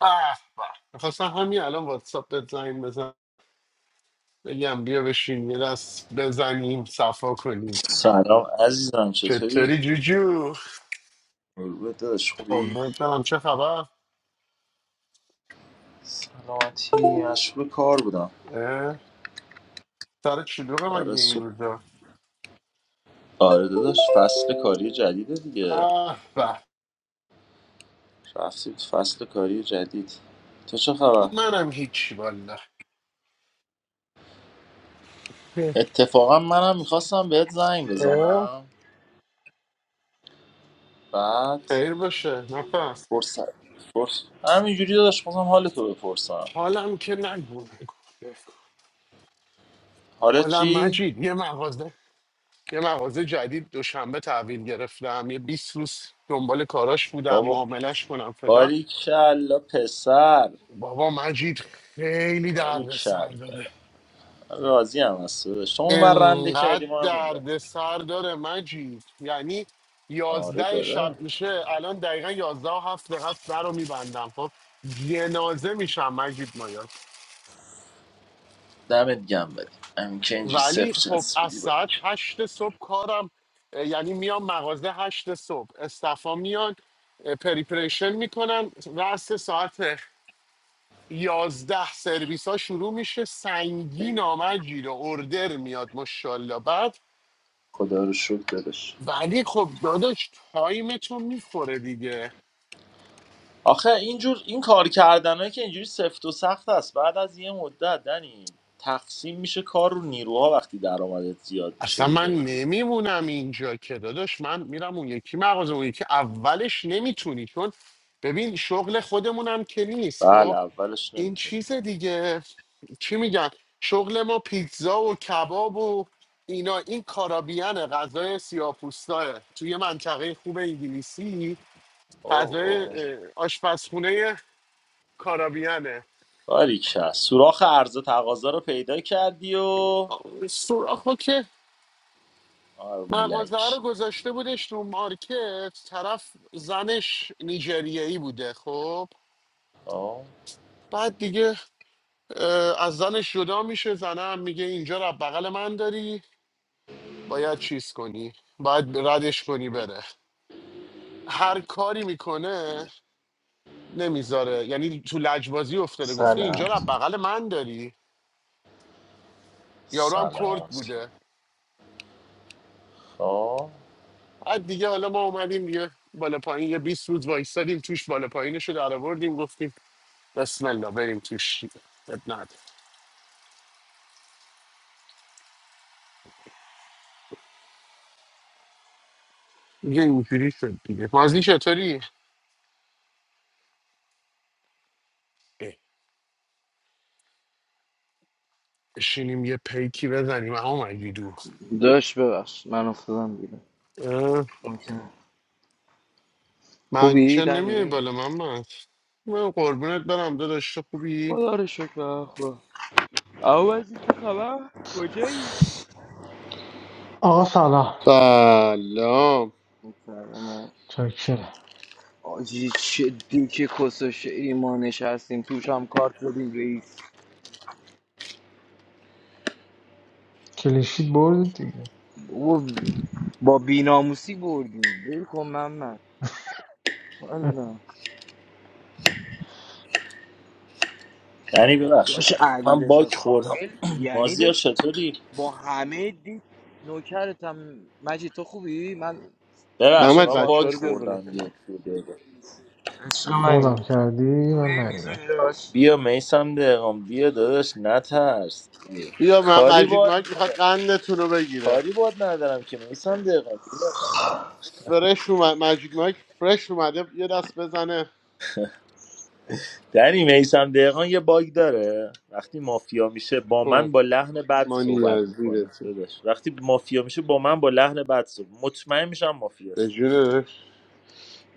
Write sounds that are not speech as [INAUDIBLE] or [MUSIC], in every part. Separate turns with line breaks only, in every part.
به به. خواستم همین الان واتساپ بهت زنگ بزن بگم بیا بشین یه دست بزنیم صفا کنیم
سلام عزیزم چطوری؟
چطوری جوجو
قربونت داداش خوبی؟
قربونت برم چه خبر
سلامتی مشغول کار بودم
اه، سر شلوغه
آره
مگه این
صبح
روزا
آره داداش فصل کاری جدیده دیگه
اه به
رفتیم تو فصل کاری جدید تو چه خبر؟
منم هیچی والا
اتفاقا منم میخواستم بهت زنگ
اه،
بزنم بعد
خیر باشه نفس
فرصت فرصت همینجوری داداش خواستم حال تو بپرسم
حالم که نگو نگو.
حالا
حالم
چی؟
مجید یه مغازه یه مغازه جدید دوشنبه تحویل گرفتم یه بیست روز دنبال کاراش بودم
بابا
معاملش کنم فلان
باریکلا پسر
بابا مجید خیلی درد سر
باریکلا
داره
راضی هم هست داداش. تو اون بر رنده
انقدر
کردی ما هم این ور.
درد سر داره مجید یعنی
آره
یازده شب
دارم
میشه الان دقیقا یازده و هفت دقیقه است، در رو میبندم خب جنازه میشم مجید مایان
دمت گم ولی همین که اینجوری
ولی
صفر
خب از
چسبیدی
ساعت
باید
هشت صبح کارم اه، یعنی میام مغازه هشت صبح استفا میان اه، پریپریشن میکنن رأس ساعت یازده سرویس ها شروع میشه سنگین آمد گیر و اردر میاد ماشاءالله بعد
خدا رو شکر داداش
ولی خب داداش تایمتون میخوره دیگه
آخه اینجور این کار کردنهایی که اینجوری سفت و سخت است بعد از یه مدت دنی تقسیم میشه کار رو نیروها وقتی درآمدت زیاد میشه
اصلا من
دیگه
نمیمونم اینجا که داداش من میرم اون یکی مغازه اون یکی اولش نمیتونی چون ببین شغل خودمونم که نیست خب
بله اولش
این
نمیتونی
چیز دیگه چی میگن شغل ما پیتزا و کباب و اینا این کارابیان غذای سیاپوستاه توی منطقه خوب انگلیسی
اوه
فضای
اوه
آشپزخونه کارابیانه
باریکه سوراخ عرض و تقاضا رو پیدا کردی و
سوراخ ها که
آره
مغازه ها
مولک
رو گذاشته بودش تو مارکت طرف زنش نیجریه‌ای بوده خب
آه،
بعد دیگه اه، از زنش جدا میشه زنه هم میگه اینجا رو بغل من داری باید چیز کنی باید ردش کنی بره هر کاری میکنه نمیذاره یعنی تو لجبازی افتاده گفته اینجا رو
سلام
بغل من داری یارو هم کرد
سلام
بوده
خب
بعد دیگه حالا ما اومدیم یه بالا پایین یه 20 روز وایستادیم توش بالا پایینش رو در آوردیم گفتیم بسم الله بریم توش اب نداره. دیگه اینجوری شد دیگه مازی چطوری اه، بشینیم یه پیکی بزنیم اما مگی دو
داشت ببخش من افتادم بیرون
اه،
اوکی.
من
خوبی
چه نمیای
دنی؟
بالا من من من قربونت برم داداش تو خوبی
خدا رو شکر خوب عوضی چه خبر؟ کجایی؟
آقا سلام
سلام
سلام
چاکرم
آجی چه دوک کس و شعری ما نشستیم توش هم کارت زدیم رئیس
کلینشیت بردید دیگه
بابا با بیناموسی بردیم ول کن من من
اه،
والا
یعنی ببخشید
داشت علی
من
رضا
باک خوردم
کائل
[CLEARS THROAT]
یعنی
مازیار
داشت
چطوری
با همه دی نوکرتم مجید تو خوبی؟ من
ببخشید
ازت
محمد
من
سوال
بچه ها
باک
رو بیار بالا
خوردم
پرسیدم
یه دو دقیقه
عشق منی
مودم کردی من
خوبی
ندیدم
میزونی داشت
بیا میسم دقیقم بیا داداش نترس ای،
بیا م-
کاری
مجید
باد
مایک میخواد
ندارم
قندتون رو بگیره
کاری باد ندارم که میسم دقیقم
فرش اومد مجید مایک فرش اومده یه دست بزنه
دنی میسم دقیقان یه باگ داره وقتی مافیا میشه با من با لحن بد
مانی
صحبت
از
میکنه
دیرتی
داداش وقتی مافیا میشه با من با لحن بد صحبت مطمئن میشم
به
مافیاست
جونش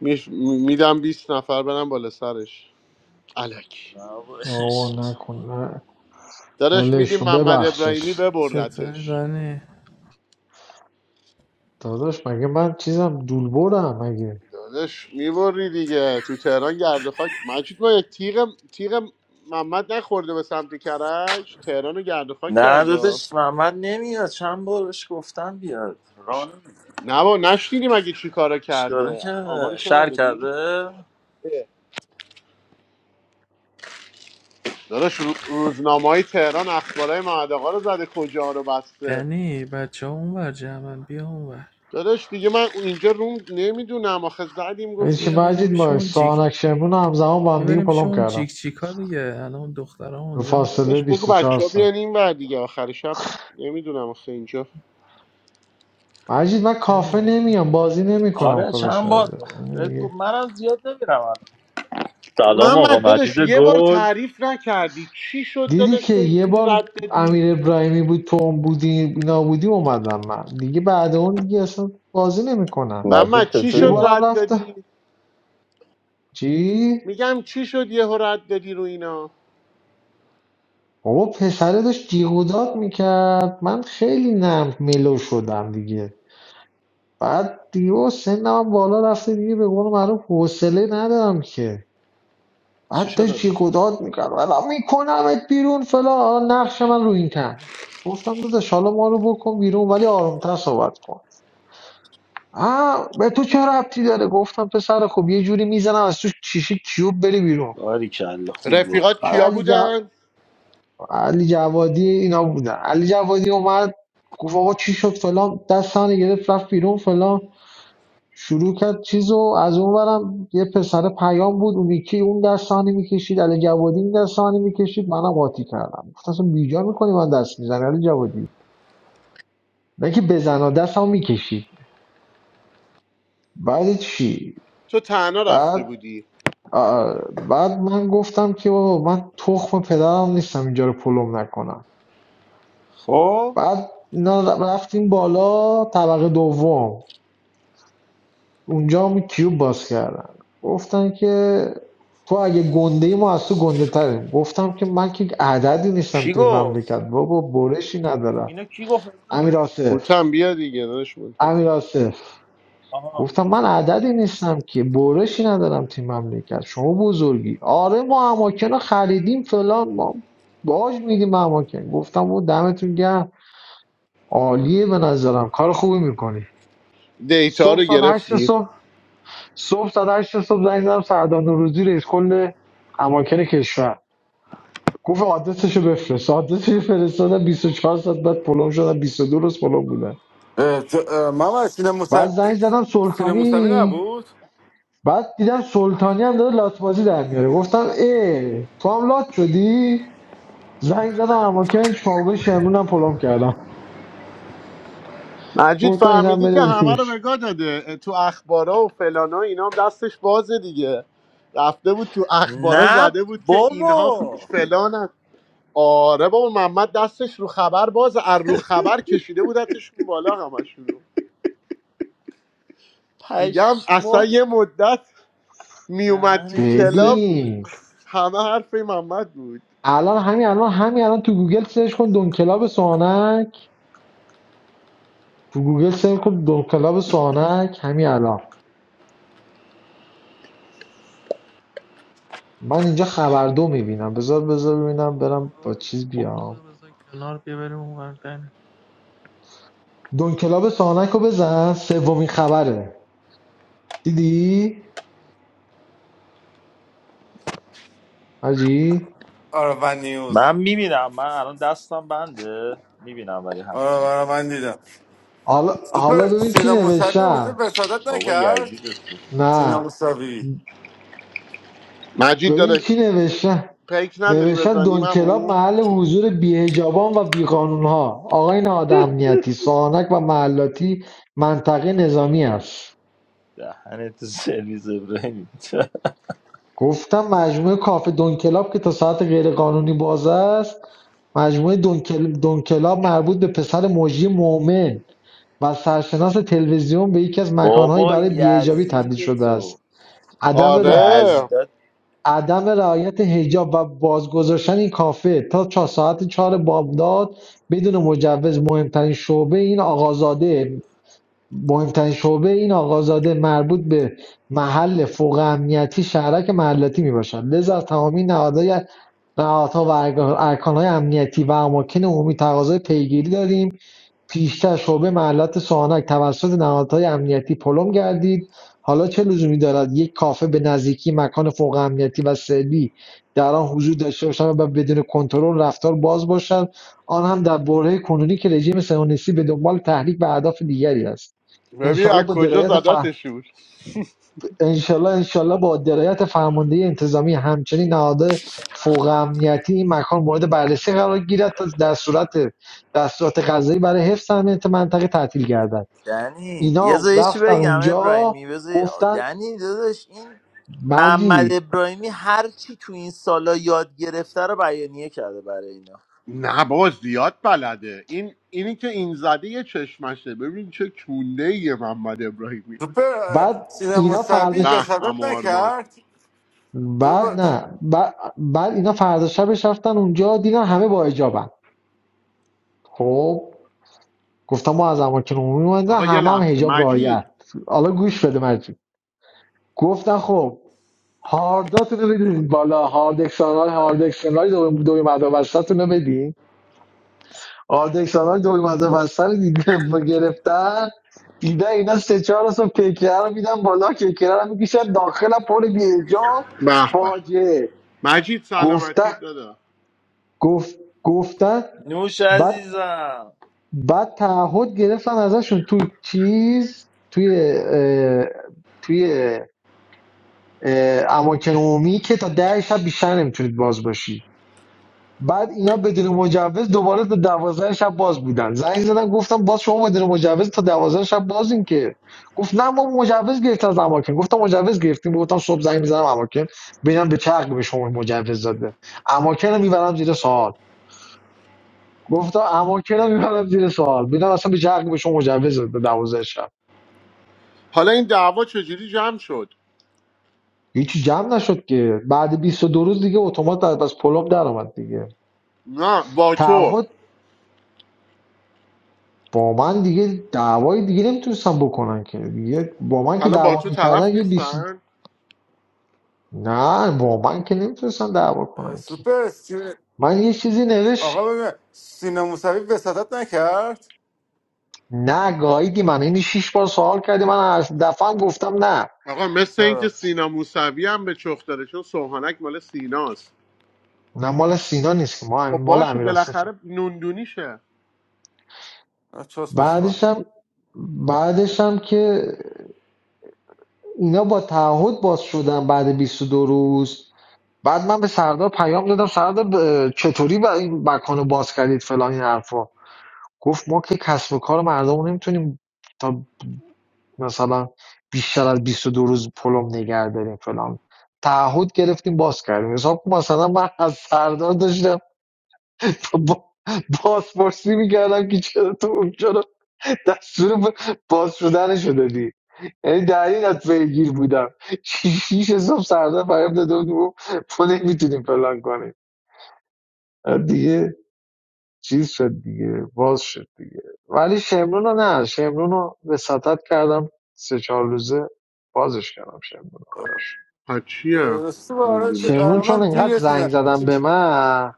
میش- می- میدم 20 نفر برن بالا سرش الکی
نه بابا.
آقا نکن نه
داداش
ولش
میدیم
کن
محمد ابراهیمی
ببخشش
چطوری
ببردتش
دنی؟
داداش مگه من چیزم دول بردم مگه
داداش میبری دیگه تو تهران گرد و خاک مجید ما یک تیغ تیغ محمد نخورده به سمت کرج تهران رو گرد و خاک
نه
کرده
داداش محمد نمیاد چند بار بهش گفتم بیاد
ش...
ران
نه با نشنیدیم اگه چی کارا
چیکاره
کرده
کرده
آمارشو
شر
نداری؟
کرده
اه. داداش رو... روزنامه های تهران اخبارای محمد آقا رو زده کجا رو بسته
دنی بچه ها اونور جمعن بیا اونور
داداش دیگه من اینجا روم نمیدونم آخه زدیم
یعنی
گفتیم
چی
بیا
می‌گه
بریم
مجید ما
شون جیک
سانک شمرون رو همزمان با هم
بیا
دیگه
بریم
پلم
شون
کردم
جیک جیکا دیگه الان دخترها
به
اونجا
فاصله
داداش بگو
24
بچه ها
ساعت
بیان این ور دیگه آخر شب نمیدونم آخه اینجا
مجید من کافه
نمیدونم
نمیام بازی نمیکنم
آره
خدا
چند بار
شده یعنی
بهت گفت
دیگه-
منم زیاد نمیرم
سلام آقا
محمد
مجید
داداش یه بار
گل
تعریف نکردی چی شد
دیدی
داداش
که
تو
یه
اینجوری
بار
رد دادی
امیر ابراهیمی بود تو اون بودی اینا بودی اومدم من دیگه بعد اون دیگه اصلا بازی نمیکنم
مجید
محمد چی
یه
شد
چطوری؟
بارم
رد
رفت
دادی
چی؟
میگم چی شد یهو رد دادی رو اینا
بابا پسره داشت جیغ و داد میکرد من خیلی نرم ملو شدم دیگه بعد دیگه بابا سنم هم بالا رفته دیگه به قول معروف حوصله ندارم که
چی
بعد
شده
داشت
بایی؟
جیغ و داد میکرد ولی میکنمت بیرون فلان نقش من رو این کم گفتم داداش حالا ما رو بکن بیرون ولی آرومتر صحبت کن آه به تو چه ربطی داره گفتم پسر خب یه جوری میزنم از تو شیشه کیوب بری بیرون
آری کلا خوب گفت
رفیقات
بعد
کیا
علی, ج...
بودن
علی جوادی اینا بودن علی جوادی اومد گفت آقا چی شد فلان دستان گرفت رفت بیرون فلان شروع کرد چیزو از اون برم یه پسر پیام بود اون یکی اون دستانی میکشید علی جوادی این دستانی میکشید منم قاطی کردم گفت اصلا بیجا میکنی من دست میزنی علی جوادی نه که بزن دستم میکشید بعد چی
تو تنها
بعد
رفته بودی
آه، بعد من گفتم که بابا من تخم پدرم نیستم اینجا رو پلم نکنم
خب
بعد اینا رفتیم بالا طبقه دوم اونجا هم کیوب باز کردن گفتن که تو اگه گنده ای ما از تو گنده تریم گفتم که من که عددی نیستم
کی
توی این مملکت
گفت
بابا برشی ندارم
اینو کی گفت
امیر آصف
هوتم بیا دیگه داداش منتظر
امیر آصف
آها
گفتم من عددی نیستم که برشی ندارم توی این مملکت شما بزرگی آره ما اماکن رو خریدیم فلان ما باج میدیم اماکن گفتم و دمتون گرم عالیه به نظرم کار خوبی میکنی
دیتا
صبح
رو
ساعت هشت
گرفتی
صبح صبح ساعت 8 صبح زنگ زدم سردار نوروزی رئیس کل اماکن کشور گفت آدرسشو بفرست آدرسش فرستادم 24 ساعت بعد پلم شدم 22 روز پلم بودن
اه، تو- اه، محمد سینه موسوی
بعد زنگ زدم
سینه موسوی
سلطانی
نبود
بعد دیدم سلطانی هم داره لات بازی در میاره گفتم ای تو هم لات شدی زنگ زدم اماکن شاوبه شمرونم پلم کردم
مجید
گفتم اینم
فهمیدی که
بره
همه رو
روش
بگاه داده تو اخبارا و فلانا اینا هم دستش بازه دیگه رفته بود تو اخبارا
نه
زده بود که اینها
بابا
فلان آره بابا محمد دستش رو خبر باز از رو خبر کشیده بودتشون بالا همشون رو. میگم اصلا
پشمو
یه مدت میومد تو
دهنتو
کلاب
سرویس
ببین
همه حرف این محمد بود
الان همین الان همین الان تو گوگل سرچ کن دون کلاب سوانک تو گوگل سرچ کن دونکلاب سوانک همین الان من اینجا خبر دو میبینم بذار بذار ببینم
اورو
برم با
رو
چیز
اورو
بیام
رو بذار کنار بیا بریم اونور دنی
دونکلاب سوانک رو بزن سومین خبره دیدی حاجی
آره ون نیوز
من میبینم من الان دستم بنده میبینم ولی
آره
حتما
آره من دیدم
حالا حالا
سوپر
ببین چی
سینه موسوی اونجا
نوشتن
بسادت
بابا
نکرد
یزید تو
سینه
نه
موسوی
مجید
ببین
داداش
چی نوشتن
پیک نداری
نوشتن
بزنیم
دونکلاب
او
محل حضور بیهجابان و بیقانونها آقای نادامنیتی سوانک و محلاتی منطقه نظامی است
دهنت سرویس ابراهیم [LAUGHS]
گفتم مجموعه کافه دونکلاب که تا ساعت غیرقانونی باز است مجموعه دونکل... دونکلاب مربوط به پسر مجری مؤمن و سرشناس تلویزیون به یکی از مکانهایی
بابا
برای بیهجابی تبدیل
یزید
شده
تو
است عدم ر...
آره
یزید
عدم رعایت حجاب و بازگذاشتن این کافه تا چه ساعت چهار بامداد بدون مجوز مهمترین شعبه این آقازاده مهمترین شعبه این آقازاده مربوط به محل فوق امنیتی شهرک محلاتی میباشد لذا از تمامی نهادهای نهادها و ارکانهای امنیتی و اماکن عمومی تقاضای پیگیری داریم پیشتر شعبه محلات سوانک توسط نهادهای امنیتی پلم گردید حالا چه لزومی دارد یک کافه به نزدیکی مکان فوق امنیتی و سری در آن حضور داشته باشد و بدون کنترل رفتار باز باشد آن هم در برهه کنونی که رژیم صهیونیستی به دنبال تحریک و اهداف دیگری است
ببین از
انشاالله با
کجا
درایت
زدتشون
انشالله انشالله با درایت فرماندهی انتظامی همچنین نهادهای فوق امنیتی این مکان مورد بررسی قرار گیرد تا در صورت دستورات قضایی برای حفظ امنیت منطقه تعطیل گردد
دنی یه
اینا
زایشی
رفتن
بگم
اونجا
ابراهیمی بذار
گفتن
دنی داداش این محمد
مجید
ابراهیمی هر چی تو این سالا یاد گرفته رو بیانیه کرده برای اینا
نه بابا زیاد بلده این اینی که این زده یه چشمشه ببین چه کونده یه محمد ابراهیمی
سوپر اه،
بعد
سینه
اینا
موسوی
فرداش
به
بسادت
اما آرمان
نکرد تو
اه.
با-
بعد نه بعد, بعد اینا فردا شبش رفتن اونجا دیدن همه با حجابن خب گفتم ما از اماکن عمومی اومدن
آقا یه
همه هم
لحظه
حجاب
مجید
رعایت حالا گوش بده مجید گفتن خب هارداتون رو بدین بالا هارد اکسانال هارد اکسانال دوی دوی مد وسطتون رو بدین هارد اکسانال دوی مد وسط رو دیدم گرفتن دیدن اینا سه چهار رو پیکره رو میدن بالا کیکره رو میکشن داخل پر بیجا
به به
فاجعه
مجید
گفته
سلامتی دادا
گفت گفتن
نوش
بعد
عزیزم
بعد تعهد گرفتن ازشون توی چیز توی اه، توی اه، اماکن عمومی که تا ده شب بیشتر نمیتونید باز باشید بعد اینا بدون مجوز دوباره تا دوازده شب باز بودن زنگ زدن گفتم باز شما بدون مجوز تا دوازده شب بازین که گفت نه ما مجوز گرفتیم از اماکن گفتم مجوز گرفتیم گفتم صبح زنگ میزنم اماکن ببینم به چه حقی به شما مجوز داده اماکن رو میبرم زیر سوال گفتم اماکن رو میبرم زیر سوال ببینم اصلا به چه حقی به شما مجوز داده دوازده شب
حالا این دعوا چجوری جمع شد
هیچی جمع نشد که بعد 22 روز دیگه اتومات از بس پلوب در اومد دیگه
نه با تو
تعهد با من دیگه دعوای دیگه نمیتونستن بکنن که دیگه با من که
الان با
دعوا
تو طرف
میکردن یه بیس
نیستن
نه با من که نمیتونستن دعوا
اه،
کنن که
سوپر سینه...
من یه چیزی نوشت
آقا ببین سینه موسوی بسادت نکرد
نه گاییدی من این شیش بار سوال کردی من هر دفعه گفتم نه
آقا مثل اینکه
چرا
سینا موسوی هم به چخ داره چون سوهانک مال سیناست
نه مال سینا نیست که ما
خب
مال
باشه
امیر
بالاخره نوندونیشه
آه، چست مسخال
بعدش هم بعدش هم که اینا با تعهد باز شدن بعد بیست و دو روز بعد من به سردار پیام دادم سردار ب- چطوری با این مکان باز کردید فلان این حرفا گفت ما که کسب و کار مردم رو نمیتونیم تا مثلا بیشتر از 22 روز پلم نگه داریم فلان تعهد گرفتیم باز کردیم حساب کن مثلا من از سردار داشتم با بازپرسی میکردم که چرا تو اونجا رو دستور باز شدنشو دادی یعنی در این از پیگیر بودم شیش حساب سردار فریب داده بود ما تو نمیتونیم فلان کنیم دیگه چیز شد دیگه باز شد دیگه ولی شمرون رو نه شمرون رو وساطت کردم سه چهار روزه بازش کردم شمرون رو براش
ها چیه
اه، سوپر آره، چه-
نوندونیش
شمرون
آره، من
چون
دیر
انقدر زنگ زدم
رسیدم
به من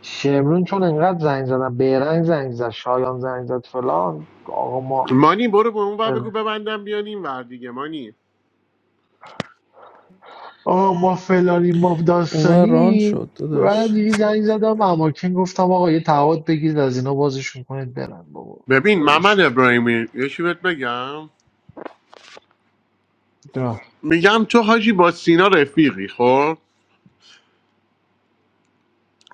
شمرون چون انقدر زنگ زدم بیرنگ زنگ زد شایان زنگ زد فلان آقا ما
مانی برو به اون ور بگو ببندم بیان این ور دیگه مانی
آقا ما فلانی ما
اونور ران
داستانی
شد
من
داداش
دیگه زنگ زدم اماکن گفتم آقا یه تعهد بگیرید از اینا بازشون کنید برن بابا
ببین
ولش
محمد
کن.
ابراهیمی یه چی بهت بگم
نه
میگم تو حاجی با سینا رفیقی خب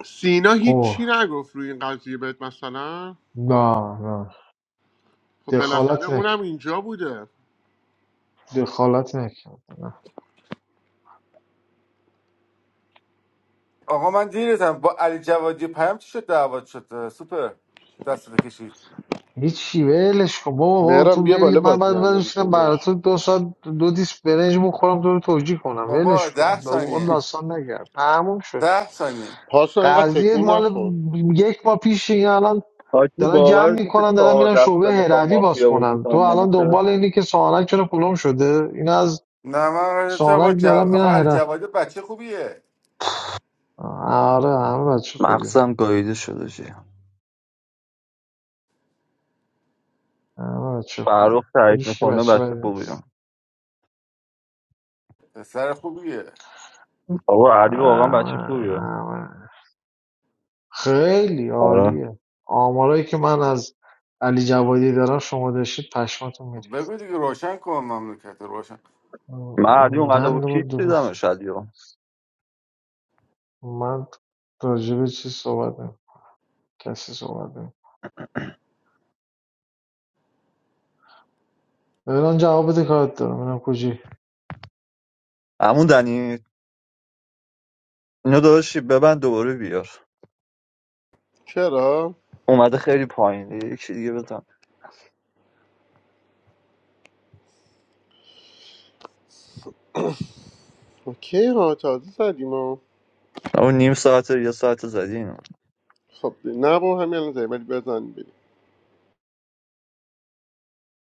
سینا
خب
هیچی نگفت روی این قضیه بهت مثلا
نه نه
خب بالاخره
دخالتی
اونم اینجا بوده
دخالت نکرده نه
آقا من دیرتم با علی جوادی پیام چی شد دعوت شد سوپر دستتو کشید
هیچی ولش کن بابا بابا تو
مهرم بیا
ولی
بالا
من
بازی
بعد
هم
بشینم
نمیکنی
برای
داداش
تو دو ساعت دو دیس برنج بخورم تو رو توجیه کنم ولش
بابا
کن
ده
با اون
ثانیه
داستان نگرد تموم شد
ده ثانیه
پاسو اینقدر
قضیه
تکون
مال
نخور
یک ماه پیش این الان
حاجی
دارن جمع
باور میشه
میکنن دارن
چهار
میرن
دست
شعبه
میخوام
هروی باز
مافیا بازی
کنن تو
کنم
الان
نمیشه
دنبال اینی که سوانک چرا پلم شده این از
نه من قراره تو با
سوانک
جو...
دارن
آخه
میرن
علی
هرا
جوادی بچه خوبیه
آره همه بچه خوبیه
مغزم گاییده شده چی
همه بچه خوبیه
فرخ تایید
هیچ
میکنه
بچه
بچه
بدی نیست
خوبیه
پسر خوبیه
بابا علی واقعا بچه
همه
خوبیه
همه خیلی
آره
عالیه آمارایی که من از علی جوادی دارم شما داشتید پشماتون میری
خب بگو دیگه روشن کن مملکت رو، روشن
من علی اومده
نه
بود کیت
دو-
دیدمش علی رو
من راجع به چی صحبت نمی کسی صحبت نمی ببینم جواب بده کارت دارم ببینم کجی
همون دنی اینو داشتی ببند دوباره بیار
چرا
اومده خیلی پایین یکی دیگه بزن
اوکی ها تازه زدیم ها
اون نیم ساعت یا ساعت زدی اینو
خب نه با همین الان زیبری بزن